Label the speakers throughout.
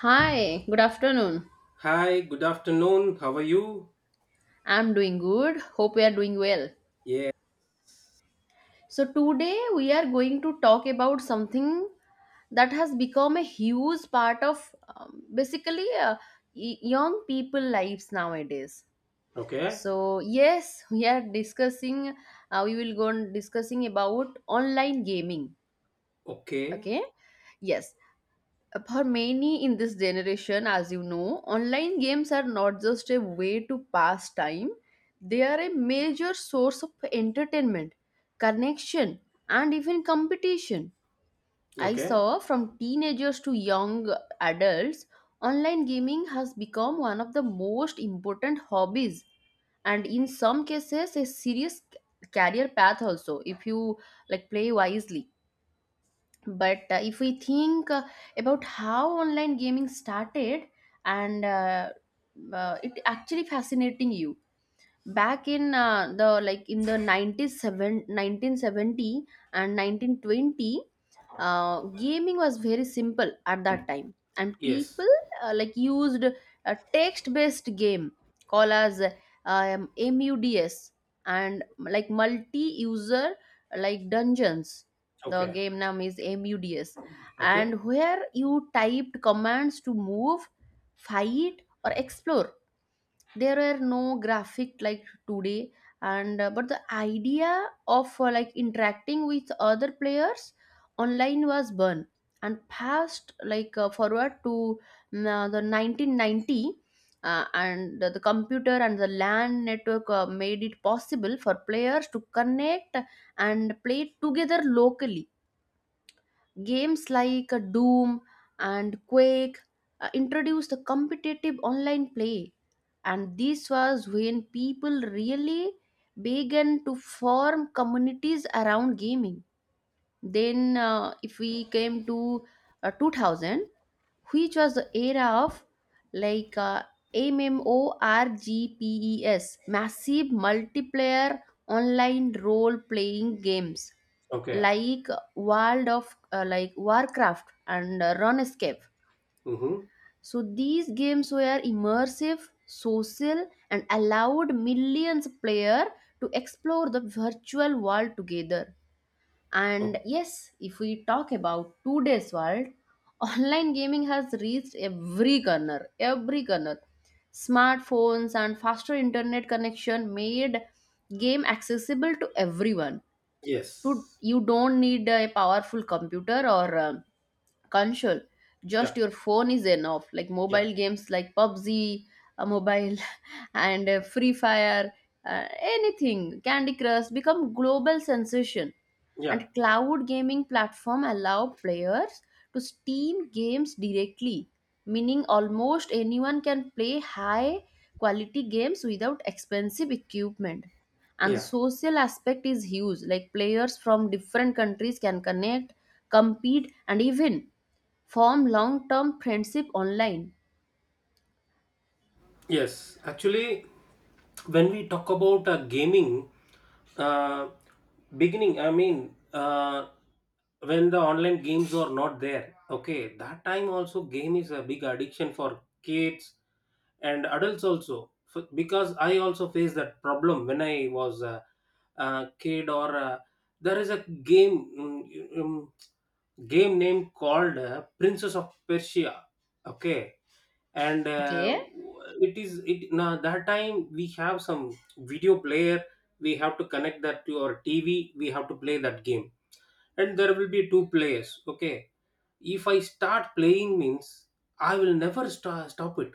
Speaker 1: Hi, good afternoon.
Speaker 2: Hi, good afternoon. How are you?
Speaker 1: I'm doing good. Hope you are doing well.
Speaker 2: Yeah.
Speaker 1: So, today we are going to talk about something that has become a huge part of basically, young people lives nowadays.
Speaker 2: Okay.
Speaker 1: So yes, we are discussing, we will go on discussing about online gaming.
Speaker 2: Okay.
Speaker 1: Okay. Yes. For many in this generation, as you know, online games are not just a way to pass time, they are a major source of entertainment, connection, and even competition. I
Speaker 2: Okay.
Speaker 1: saw from teenagers to young adults, online gaming has become one of the most important hobbies, and in some cases a serious career path also, if you like play wisely. But if we think, about how online gaming started, and it actually fascinating you. Back in the, like, in the 97, 1970 1920, gaming was very simple at that time, and
Speaker 2: Yes.
Speaker 1: people like used a text based game called as muds, and, like, multi user, like, dungeons. The
Speaker 2: Okay.
Speaker 1: game name is muds.
Speaker 2: Okay.
Speaker 1: And where you typed commands to move, fight, or explore, there are no graphic like today. And but the idea of like interacting with other players online was born, and passed, like, forward to the 1990. And the computer and the LAN network made it possible for players to connect and play together locally. Games like Doom and Quake introduced the competitive online play, and this was when people really began to form communities around gaming. Then, if we came to, 2000, which was the era of, like uh, MMORPGs, massive multiplayer online role playing games
Speaker 2: Okay.
Speaker 1: like World of, Warcraft and RuneScape.
Speaker 2: Mm-hmm.
Speaker 1: So these games were immersive, social, and allowed millions player to explore the virtual world together. And
Speaker 2: Oh,
Speaker 1: yes, if we talk about today's world, online gaming has reached every corner, every corner. Smartphones and faster internet connection made game accessible to everyone.
Speaker 2: yes.
Speaker 1: You don't need a powerful computer or, console, just
Speaker 2: Yeah.
Speaker 1: your phone is enough, like
Speaker 2: Yeah.
Speaker 1: mobile games like PUBG, a mobile and, free fire, uh, anything, candy crush, become global sensation.
Speaker 2: Yeah.
Speaker 1: And cloud gaming platform allow players to steam games directly, meaning almost anyone can play high quality games without expensive equipment. And the
Speaker 2: Yeah.
Speaker 1: social aspect is huge, like players from different countries can connect, compete, and even form long term friendship online.
Speaker 2: Yes. Actually, when we talk about gaming, uh, beginning, I mean, when the online games are not there, okay, that time also game is a big addiction for kids and adults also, because I also faced that problem when I was a kid or there is a game, game name called Princess of Persia, okay. And
Speaker 1: Okay.
Speaker 2: it is it, now that time we have some video player, we have to connect that to our TV, we have to play that game, and there will be 2 players, okay. If I start playing means I will never stop it.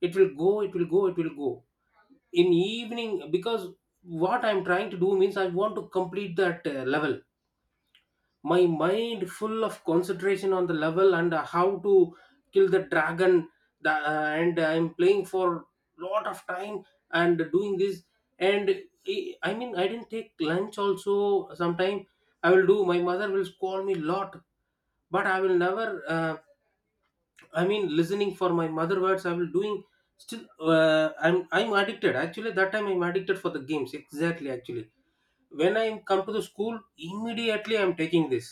Speaker 2: It will go, it will go, it will go in evening, because what I'm trying to do means I want to complete that level. My mind full of concentration on the level, and how to kill the dragon, and I'm playing for lot of time and doing this. And I mean I didn't take lunch also sometime, I will do, my mother will scold me lot, but I will never uh, I mean listening for my mother words I will doing still. I'm addicted actually, that time I'm addicted for the games, exactly actually. When I come to the school, immediately I'm taking this,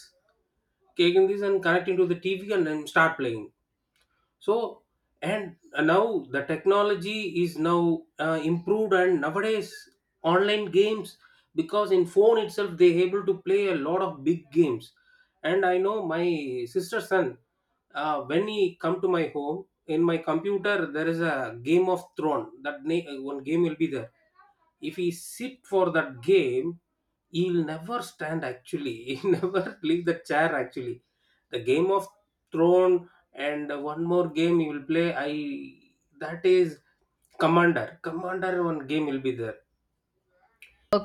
Speaker 2: taking this and connecting to the TV and then start playing. So, and now the technology is now improved, and nowadays online games, because in phone itself they able to play a lot of big games. And I know my sister's son, when he come to my home in my computer there is a game of throne, that one game will be there. If he sit for that game, he'll never stand actually, he never leave the chair actually, the game of throne. And one more game you will play, I that is commander, one game will be there.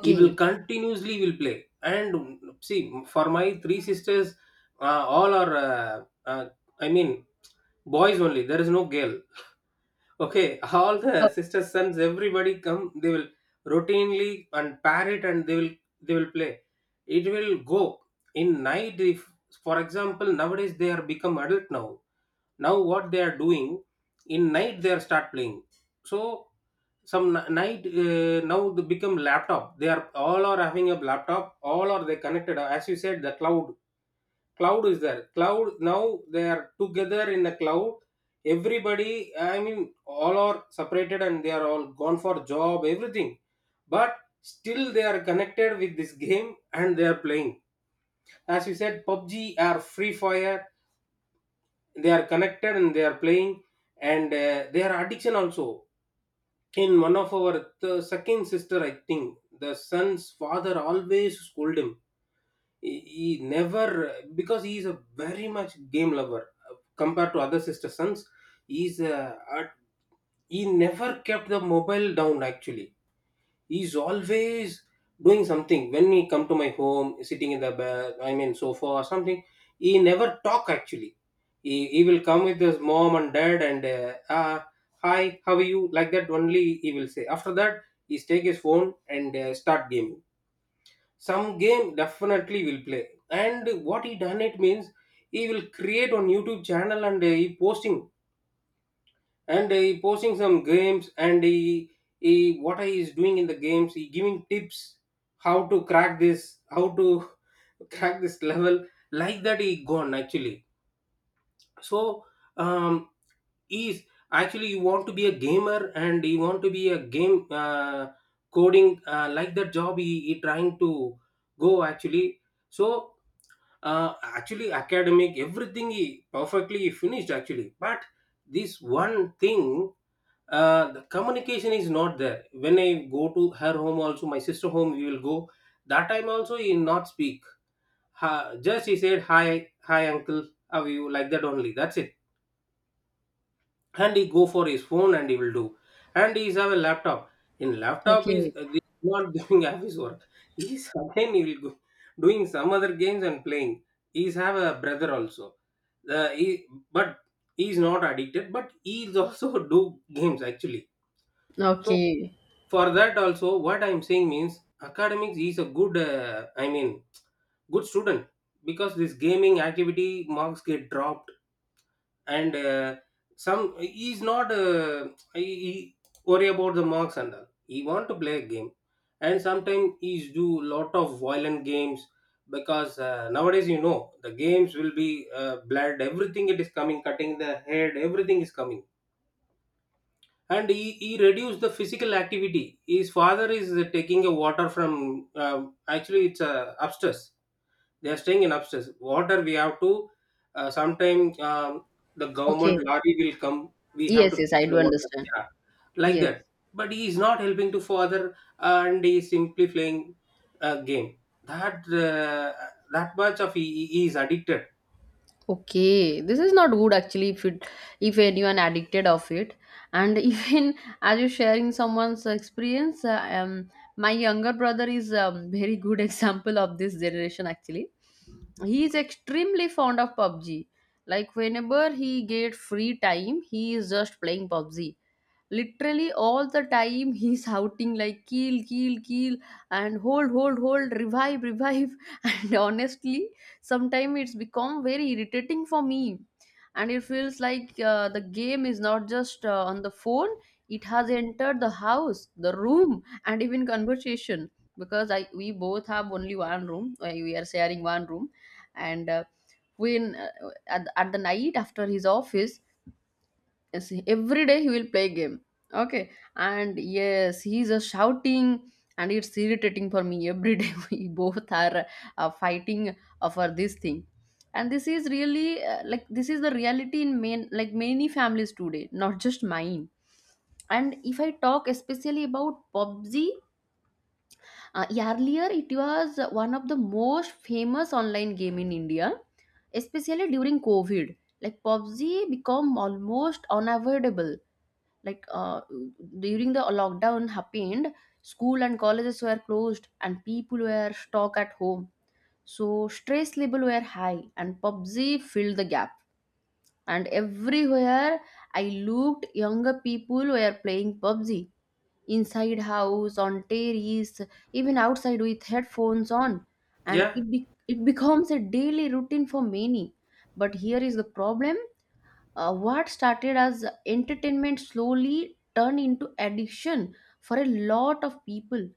Speaker 2: He will continuously will play and see. For my 3 sisters, all are I mean boys only, there is no girl. Okay, all
Speaker 1: Oh,
Speaker 2: the sisters, sons, everybody come. They will routinely and pair it, and they will play. It will go in night. If, for example, nowadays they are become adult now. Now what they are doing in night they are start playing. So some night, now they become laptop. They are all are having a laptop. All are they connected, as you said, the cloud. Cloud is there, cloud now, they are together in a cloud, everybody, I mean, all are separated and they are all gone for job everything. But still they are connected with this game and they are playing, as you said, PUBG are free fire. They are connected and they are playing. And they are addiction also. In one of our second sister, I think, the son's father always scold him. He never, because he is a very much game lover compared to other sister sons. he's uh, at- he never kept the mobile down actually. He's always doing something. When he come to my home sitting in the bed, I mean sofa or something, he never talk actually. He will come with his mom and dad and hi how are you, like that only he will say. After that he take his phone and start gaming. Some game definitely will play. And what he done it means, he will create on YouTube channel and he posting. And he posting some games, and he what he is doing in the games he giving tips. How to crack this, how to crack this level. Like that he gone actually. So, um is actually you want to be a gamer and you want to be a game coding, like that job he trying to go actually. So, actually, academic, everything he perfectly finished actually. But this one thing, the communication is not there. When I go to her home also, my sister home, we will go. That time also, he not speak. Ha, just he said, hi, hi uncle, how are you? Like that only. That's it. And he go for his phone and he will do. And he have a laptop. In laptop
Speaker 1: okay.
Speaker 2: is he's not doing office work. He's again he will go doing some other games and playing. He's have a brother also, he but he is not addicted, but he is also do games actually. So
Speaker 1: Okay.
Speaker 2: for that also what I'm saying means, academics is a good, I mean, good student, because this gaming activity marks get dropped. And some he is not he worry about the marks and all, he want to play a game. And sometimes he's do lot of violent games, because nowadays, you know, the games will be blood everything it is coming, cutting the head everything is coming. And he reduced the physical activity. His father is taking a water from, actually it's a upstairs, they are staying in upstairs, water we have to, sometimes, the government
Speaker 1: Okay.
Speaker 2: lorry will come, we have
Speaker 1: Yes,
Speaker 2: to
Speaker 1: yes, I
Speaker 2: take
Speaker 1: do
Speaker 2: the water,
Speaker 1: understand.
Speaker 2: yeah, like
Speaker 1: Yes.
Speaker 2: that. But he is not helping to father and he is simply playing a game. That that much of, he is addicted.
Speaker 1: Okay. This is not good actually, if anyone addicted of it. And even, as you sharing someone's experience, my younger brother is a very good example of this generation actually. He is extremely fond of PUBG. Like, whenever he get free time, he is just playing PUBG literally all the time. He's shouting like kill kill kill and hold hold hold, revive revive. And honestly, sometimes it's become very irritating for me, and it feels like the game is not just on the phone, it has entered the house, the room, and even conversation. Because I, we both have only one room, we are sharing one room. And at the night, after his office, yes, every day he will play game. Okay. And yes, he's a shouting, and it's irritating for me every day. We both are fighting for this thing. And this is really, like, this is the reality in main, like many families today, not just mine. And if I talk especially about PUBG, earlier it was one of the most famous online game in India, especially during COVID. Like, PUBG become almost unavoidable. Like, during the lockdown happened, school and colleges were closed and people were stuck at home, so stress level were high and PUBG filled the gap. And everywhere I looked, younger people were playing PUBG inside house, on terrace, even outside with headphones on. And
Speaker 2: Yeah.
Speaker 1: it becomes a daily routine for many. But here is the problem, what started as entertainment slowly turned into addiction for a lot of people.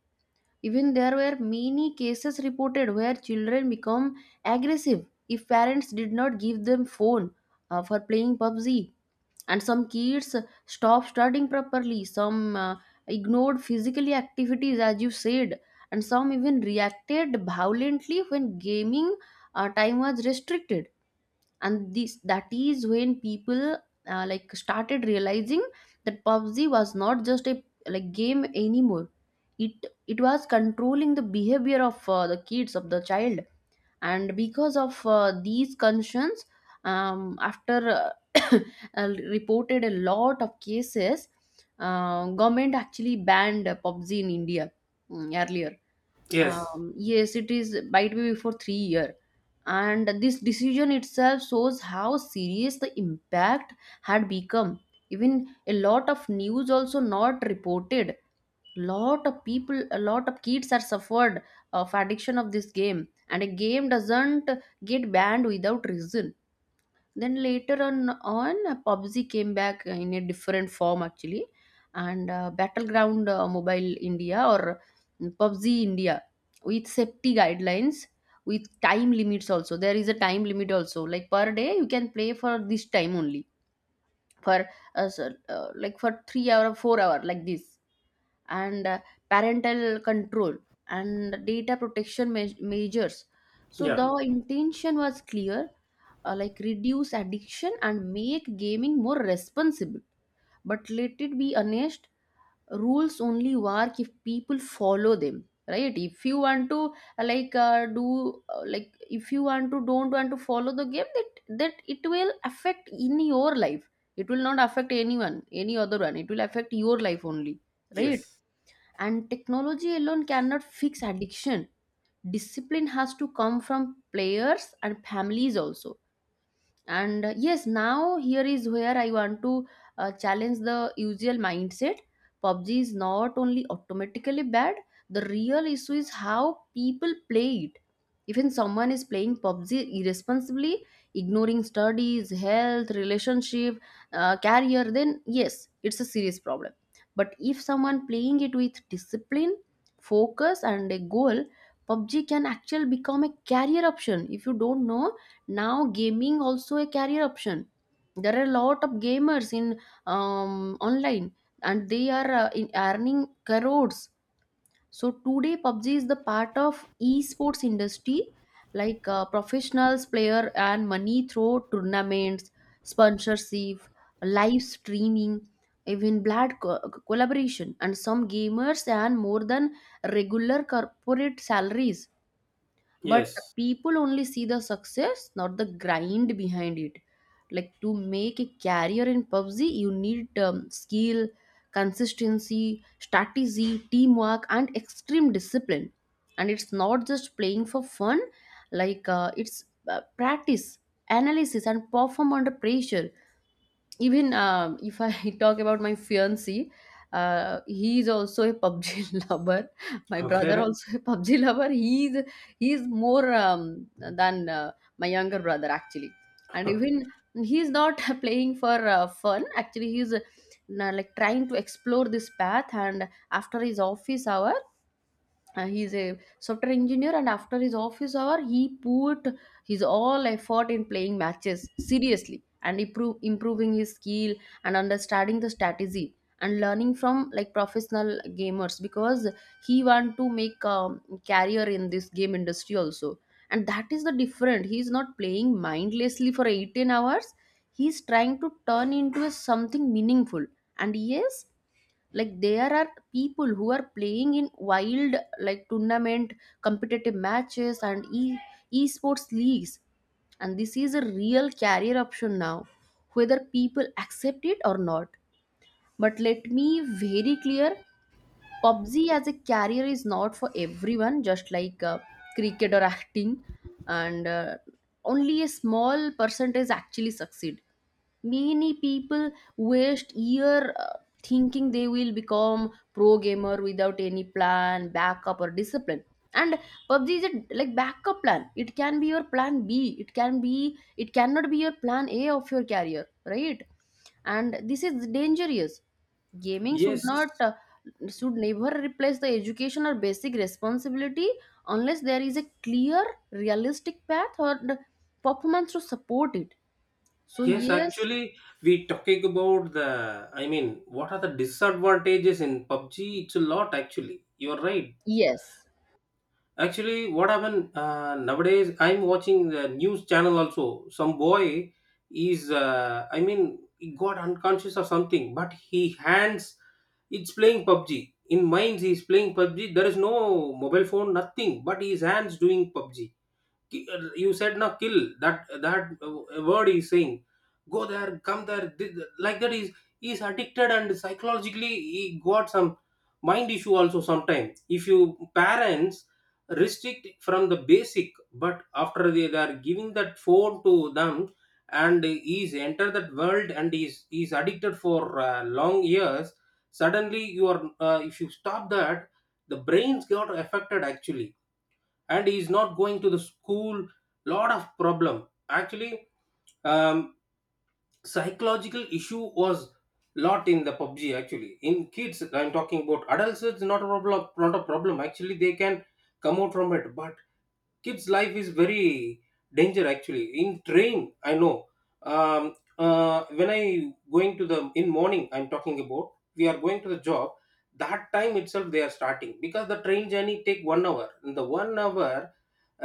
Speaker 1: Even there were many cases reported where children become aggressive if parents did not give them phone for playing PUBG. And some kids stopped studying properly. Some ignored physical activities, as you said, and some even reacted violently when gaming time was restricted. And this, that is when people started realizing that PUBG was not just a, like, game anymore. It, was controlling the behavior of, the kids, of the child. And because of these concerns, after uh, reported a lot of cases, government actually banned PUBG in India, earlier.
Speaker 2: Yes.
Speaker 1: Yes, it is, might be for 3 years, and this decision itself shows how serious the impact had become. Even a lot of news also not reported, lot of people, a lot of kids are suffered of addiction of this game, and a game doesn't get banned without reason. Then later on, PUBG came back in a different form actually, and Battleground Mobile India, or PUBG India, with safety guidelines, with time limits also. There is a time limit also. Like per day, you can play for this time only, for, like, for 3 hours, or 4 hours, like this. And parental control and data protection measures. So
Speaker 2: Yeah.
Speaker 1: the intention was clear, like, reduce addiction and make gaming more responsible. But let it be honest, rules only work if people follow them, right? If you want to, do, if you want to, don't want to follow the game, that it will affect in your life. It will not affect anyone, any other one. It will affect your life only, right?
Speaker 2: Yes.
Speaker 1: And technology alone cannot fix addiction. Discipline has to come from players and families also. And yes, now here is where I want to challenge the usual mindset. PUBG is not only automatically bad. The real issue is how people play it. Even someone is playing PUBG irresponsibly, ignoring studies, health, relationship, career, then yes, it's a serious problem. But if someone playing it with discipline, focus, and a goal, PUBG can actually become a career option. If you don't know, now gaming also a career option. There are a lot of gamers in, online, and they are in earning crores. So today PUBG is the part of esports industry, like, professionals player, and money through tournaments, sponsorship, live streaming, even blood collaboration, and some gamers earn more than regular corporate salaries. But
Speaker 2: Yes.
Speaker 1: people only see the success, not the grind behind it. Like, to make a career in PUBG, you need, skill, consistency, strategy, teamwork, and extreme discipline. And it's not just playing for fun. Like, it's, practice, analysis, and perform under pressure. Even, if I talk about my fiancé, he is also a PUBG lover. My brother
Speaker 2: Okay.
Speaker 1: also a PUBG lover. He is more, than my younger brother actually, and even he is not playing for fun. Actually, he is, trying to explore this path, and after his office hour, he's a software engineer, and after his office hour, he put his all effort in playing matches seriously and improving his skill and understanding the strategy and learning from, like, professional gamers, because he want to make, career in this game industry also. And that is the different, he's not playing mindlessly for 18 hours. He's trying to turn into a something meaningful. And yes, like, there are people who are playing in wild, like tournament, competitive matches, and e esports leagues. And this is a real career option now, whether people accept it or not. But let me very clear, PUBG as a career is not for everyone, just like, cricket or acting, and only a small percentage actually succeed. Many people waste year thinking they will become pro gamer without any plan, backup, or discipline. And PUBG is a, like, backup plan. It can be your plan B. It can be. It cannot be your plan A of your career, right? And this is dangerous. Gaming should
Speaker 2: Yes.
Speaker 1: not, should never replace the education or basic responsibility, unless there is a clear, realistic path or the performance to support it. So
Speaker 2: Yes,
Speaker 1: yes,
Speaker 2: actually, we talking about the, I mean, what are the disadvantages in PUBG, it's a lot actually, you're right.
Speaker 1: yes.
Speaker 2: Actually, what happened nowadays? I'm watching the news channel also. Some boy is, I mean, he got unconscious or something, but he hands. It's playing PUBG in minds. He's playing PUBG. There is no mobile phone, nothing, but his hands doing PUBG. You said now kill, that that word he's saying, go there come there, like that is, he's addicted and psychologically he got some mind issue also. Sometimes if you parents restrict from the basic, but after they are giving that phone to them, and he's entered that world and he's addicted for long years. Suddenly you are, if you stop that, the brains got affected actually. And he's not going to the school, lot of problem actually. um, Psychological issue was lot in the PUBG actually, in kids. I'm talking about adults, it's not a problem, not a problem actually, they can come out from it. But kids life is very danger actually. In train, I know, um, when I going to the in morning, I'm talking about, we are going to the job, that time itself they are starting, because the train journey take 1 hour, in the 1 hour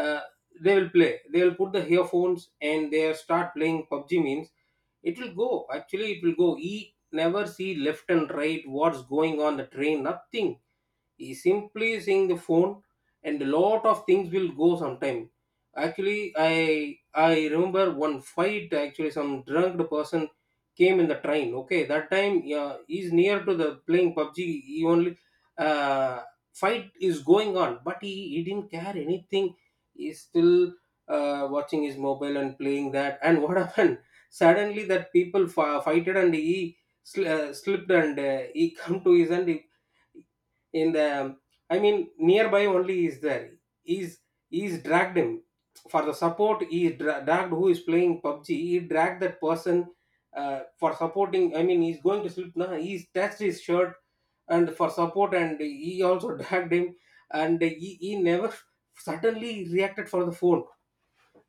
Speaker 2: uh, they will play, they will put the earphones and they start playing PUBG means it will go actually, it will go. He never see left and right what's going on the train, nothing, he simply seeing the phone. And a lot of things will go sometime. Actually, I remember one fight. Actually, some drunk person came in the train. Okay, that time, yeah, he's near to the playing PUBG. He only, uh, fight is going on, but he didn't care anything. He's still watching his mobile and playing that. And what happened? Suddenly, that people fighted and he slipped and he come to his end. He, in the, I mean nearby only is there, he's he's dragged him for the support. He dragged who is playing PUBG, he dragged that person for supporting, I mean he's going to sleep now, he's touched his shirt and for support. And he also dragged him. And he never suddenly reacted for the phone.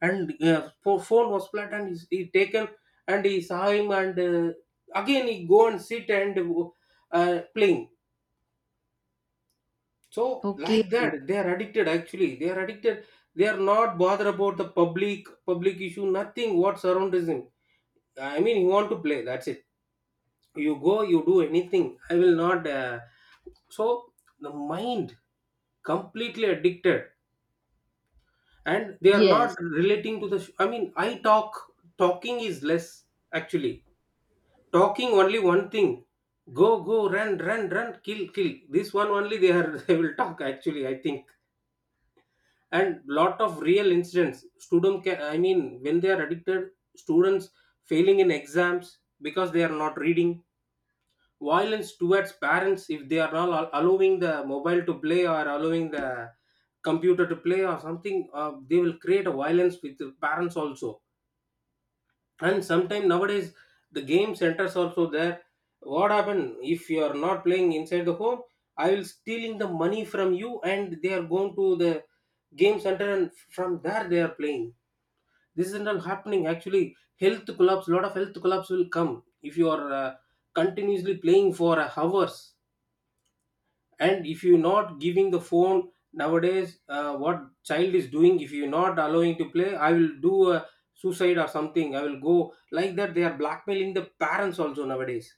Speaker 2: And phone was flat and he's, he taken. And he saw him and again he go and sit and playing. So
Speaker 1: Okay,
Speaker 2: like that, they are addicted. Actually, they are addicted. They are not bothered about the public issue. Nothing what surrounds him. I mean, you want to play. That's it. You go. You do anything. I will not. So the mind completely addicted, and they are
Speaker 1: yes,
Speaker 2: not relating to the. I mean, I talk. Talking is less actually. Talking only one thing. Go go run run run kill kill. This one only they are they will talk actually. I think and lot of real incidents student can, when they are addicted, students failing in exams because they are not reading, violence towards parents if they are not allowing the mobile to play or allowing the computer to play or something, they will create a violence with the parents also. And sometimes nowadays the game centers also there. What happen if you are not playing inside the home? I will stealing the money from you, and they are going to the game center, and from there they are playing. This is not happening actually. Health collapse, lot of health collapse will come if you are continuously playing for hours. And if you're not giving the phone nowadays, what child is doing? If you're not allowing to play, I will do a suicide or something, I will go like that. They are blackmailing the parents also nowadays.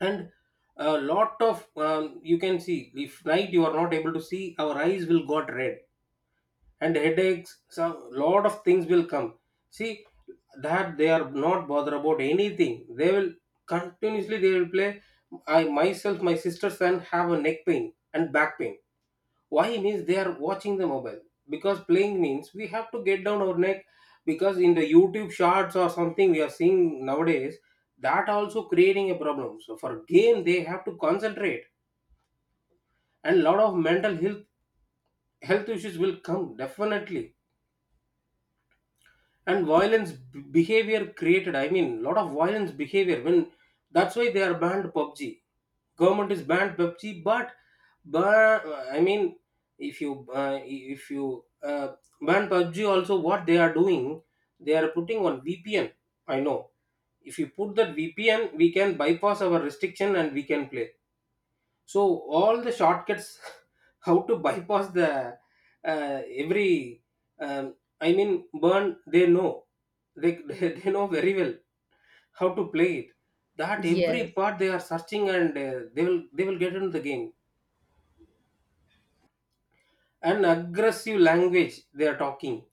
Speaker 2: And a lot of you can see, if night you are not able to see, our eyes will got red, and headaches, some lot of things will come. See, that they are not bother about anything, they will continuously they will play. I myself, my sister's son have a neck pain and back pain. Why means they are watching the mobile, because playing means we have to get down our neck, because in the YouTube shorts or something we are seeing nowadays. That also creating a problem, so for game they have to concentrate. And lot of mental health, health issues will come definitely. And violence behavior created, I mean lot of violence behavior. When that's why they are banned PUBG, government is banned PUBG, but, I mean, if you if you ban PUBG, also what they are doing, they are putting on VPN. I know. If you put that VPN, we can bypass our restriction and we can play. So all the shortcuts, how to bypass the every. Um, I mean, burn. They know. They know very well how to play it, that
Speaker 1: yes.
Speaker 2: every part they are searching, and they will get into the game. An aggressive language they are talking.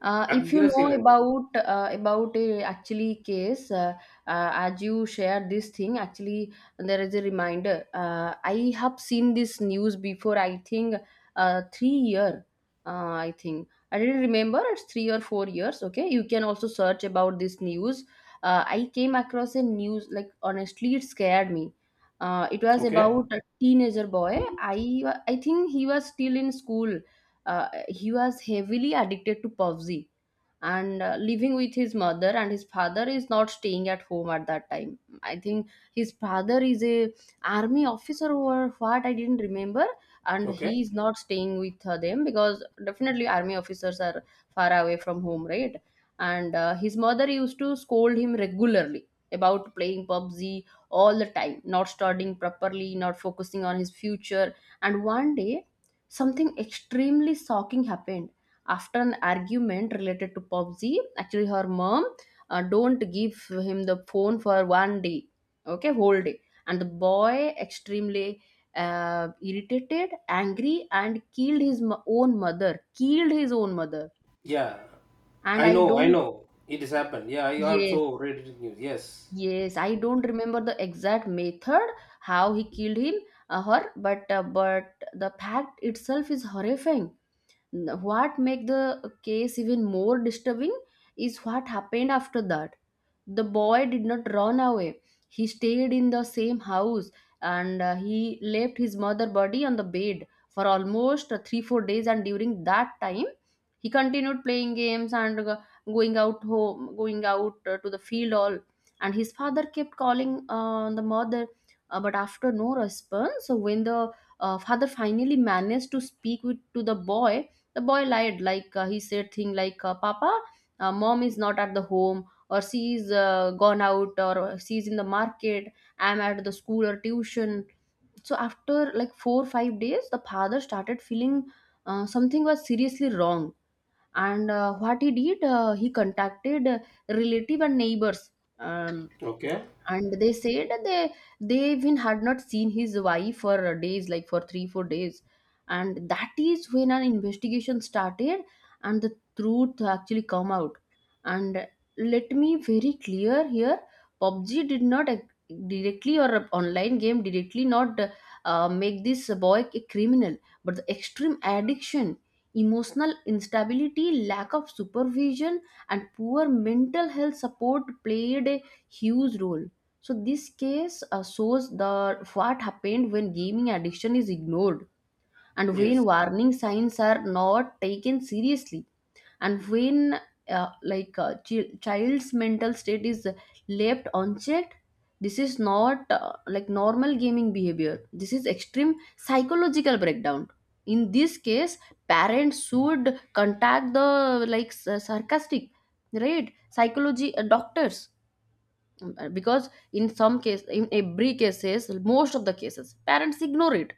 Speaker 1: If you
Speaker 2: Aggressive
Speaker 1: know
Speaker 2: language.
Speaker 1: about, about a actually case, as you share this thing, actually there is a reminder. I have seen this news before. I think, 3 years. I think I didn't remember. It's 3 or 4 years. Okay, you can also search about this news. I came across a news like honestly, it scared me. It was
Speaker 2: Okay.
Speaker 1: about a teenager boy. I think he was still in school, he was heavily addicted to PUBG and living with his mother, and his father is not staying at home at that time. I think his father is a army officer or what, I didn't remember. And he
Speaker 2: Okay.
Speaker 1: is not staying with them because definitely army officers are far away from home, right? And his mother used to scold him regularly about playing PUBG all the time, not studying properly, not focusing on his future. And one day, something extremely shocking happened after an argument related to PUBG. Actually, her mom, don't give him the phone for 1 day, okay, whole day, and the boy extremely, irritated, angry, and killed his own mother. Killed his own mother,
Speaker 2: Yeah.
Speaker 1: and
Speaker 2: I
Speaker 1: I
Speaker 2: know. I
Speaker 1: don't.
Speaker 2: know. It has happened. Yeah. I
Speaker 1: Yes,
Speaker 2: also read it in news. Yes.
Speaker 1: yes, I don't remember the exact method how he killed him, her, but but the fact itself is horrifying. What make the case even more disturbing is what happened after that. The boy did not run away, he stayed in the same house, and he left his mother body on the bed for almost 3 4 days. And during that time, he continued playing games and going out home, going out to the field all. And his father kept calling the mother, but after no response. So when the father finally managed to speak with to the boy, the boy lied, like, he said thing like, "Papa, mom is not at the home, or she's gone out, or she's in the market. I'm at the school or tuition." So after like 4 5 days, the father started feeling something was seriously wrong, and what he did, he contacted relative and neighbors. Um,
Speaker 2: Okay.
Speaker 1: and they said that they even had not seen his wife for days, like for 3 4 days. And that is when an investigation started, and the truth actually come out. And let me very clear here, pubg did not directly, or a online game directly not make this boy a criminal, but the extreme addiction, emotional instability, lack of supervision, and poor mental health support played a huge role. So this case shows the what happened when gaming addiction is ignored, and when
Speaker 2: Yes.
Speaker 1: warning signs are not taken seriously, and when like a child's mental state is left unchecked. This is not like normal gaming behavior, this is extreme psychological breakdown. In this case, parents should contact the like sarcastic, right, psychology doctors, because in some case, in every cases, most of the cases, parents ignore it.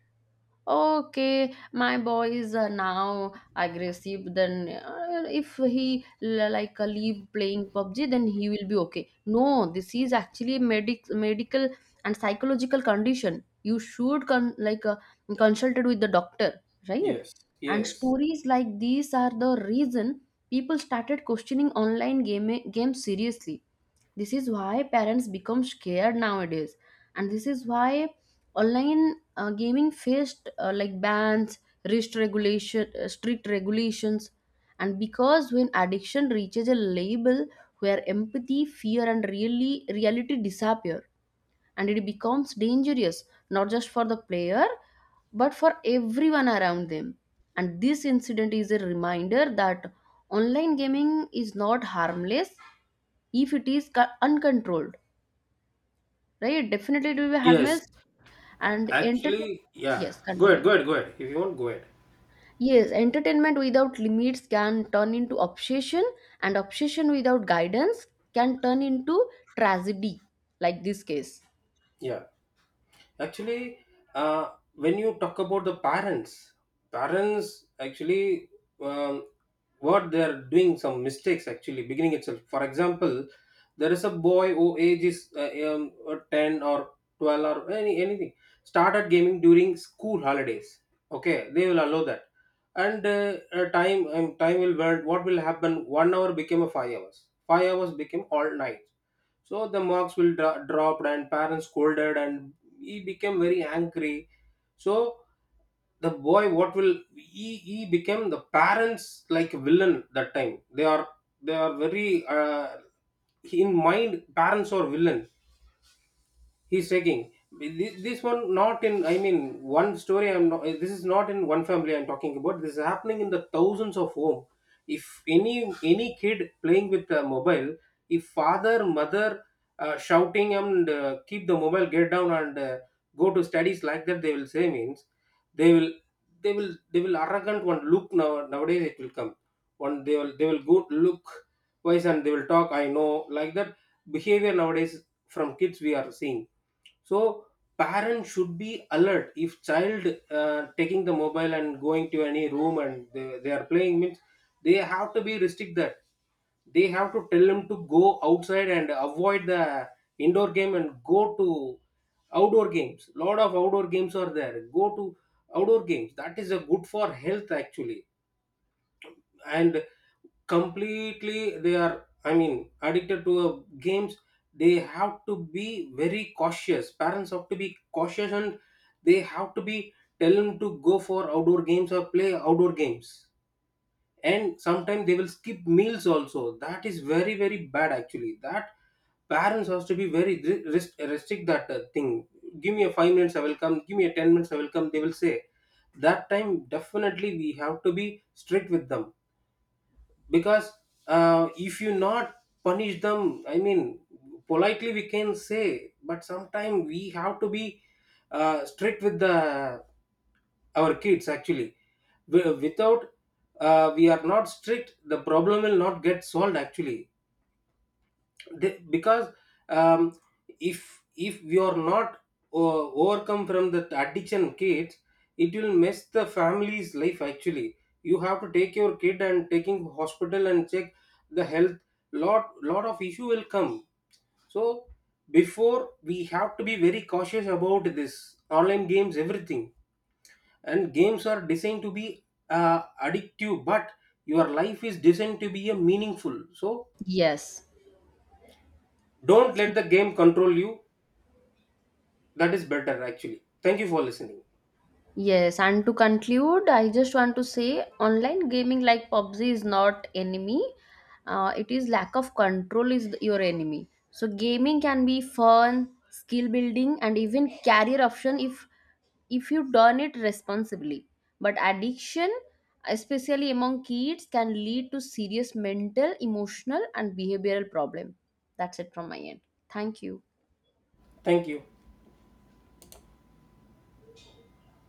Speaker 1: Okay, my boy is now aggressive, then if he like leave playing pubg then he will be okay. No, this is actually medical and psychological condition, you should like consulted with the doctor, right?
Speaker 2: Yes.
Speaker 1: And
Speaker 2: Yes.
Speaker 1: stories like these are the reason people started questioning online game seriously. This is why parents become scared nowadays, and this is why online gaming faced like bans, strict regulations, and because when addiction reaches a level where empathy, fear, and really reality disappear, and it becomes dangerous, not just for the player but for everyone around them. And this incident is a reminder that online gaming is not harmless if it is uncontrolled. Right, definitely it will be
Speaker 2: Yes.
Speaker 1: harmless and entertain.
Speaker 2: Actually, yeah.
Speaker 1: Yes,
Speaker 2: Go ahead.
Speaker 1: continue.
Speaker 2: Go ahead. Go ahead. If you want, go ahead.
Speaker 1: Yes, entertainment without limits can turn into obsession, and obsession without guidance can turn into tragedy, like this case.
Speaker 2: Yeah. Actually, when you talk about the parents, parents actually um, what they are doing, some mistakes actually beginning itself. For example, there is a boy who age is 10 or 12 or any anything, started gaming during school holidays. Okay, they will allow that, and time time will burn. What will happen? 1 hour became a 5 hours. 5 hours became all night, so the marks will drop, and parents scolded, and he became very angry. So the boy, what will he? He became the parents like villain that time. They are very in mind, parents are villain. He's taking this, this one, not in, I mean, one story I'm not, this is not in one family I'm talking about, this is happening in the thousands of home. If any kid playing with a mobile, if father mother shouting and keep the mobile get down, and go to studies, like that they will say means they will, they will arrogant one look now nowadays it will come. One they will, they will go look wise, and they will talk, I know, like that behavior nowadays from kids we are seeing. So parents should be alert, if child taking the mobile and going to any room and they are playing means they have to be restrict that, they have to tell him to go outside and avoid the indoor game and go to outdoor games. Lot of outdoor games are there, go to outdoor games, that is a good for health actually. And completely they are, addicted to games, they have to be very cautious. Parents have to be cautious, and they have to be tell them to go for outdoor games or play outdoor games. And sometimes they will skip meals also, that is very very bad actually. That parents has to be very restrict that thing. Give me a 5 minutes I will come, give me a 10 minutes I will come, they will say. That time definitely we have to be strict with them. Because if you not punish them, I mean politely we can say, but sometimes we have to be strict with the our kids actually. Without we are not strict, the problem will not get solved actually. They- because um, if we are not overcome from that addiction kids, it will mess the family's life actually. You have to take your kid and taking hospital and check the health, lot of issue will come. So before we have to be very cautious about this online games everything. And games are designed to be addictive, but your life is designed to be a meaningful. So
Speaker 1: Yes.
Speaker 2: don't let the game control you, that is better actually. Thank you for listening.
Speaker 1: Yes, and to conclude, I just want to say online gaming like PUBG is not enemy. It is lack of control is your enemy. So gaming can be fun, skill building, and even career option if you done it responsibly. But addiction, especially among kids, can lead to serious mental, emotional, and behavioral problem. That's it from my end. Thank you.
Speaker 2: Thank you.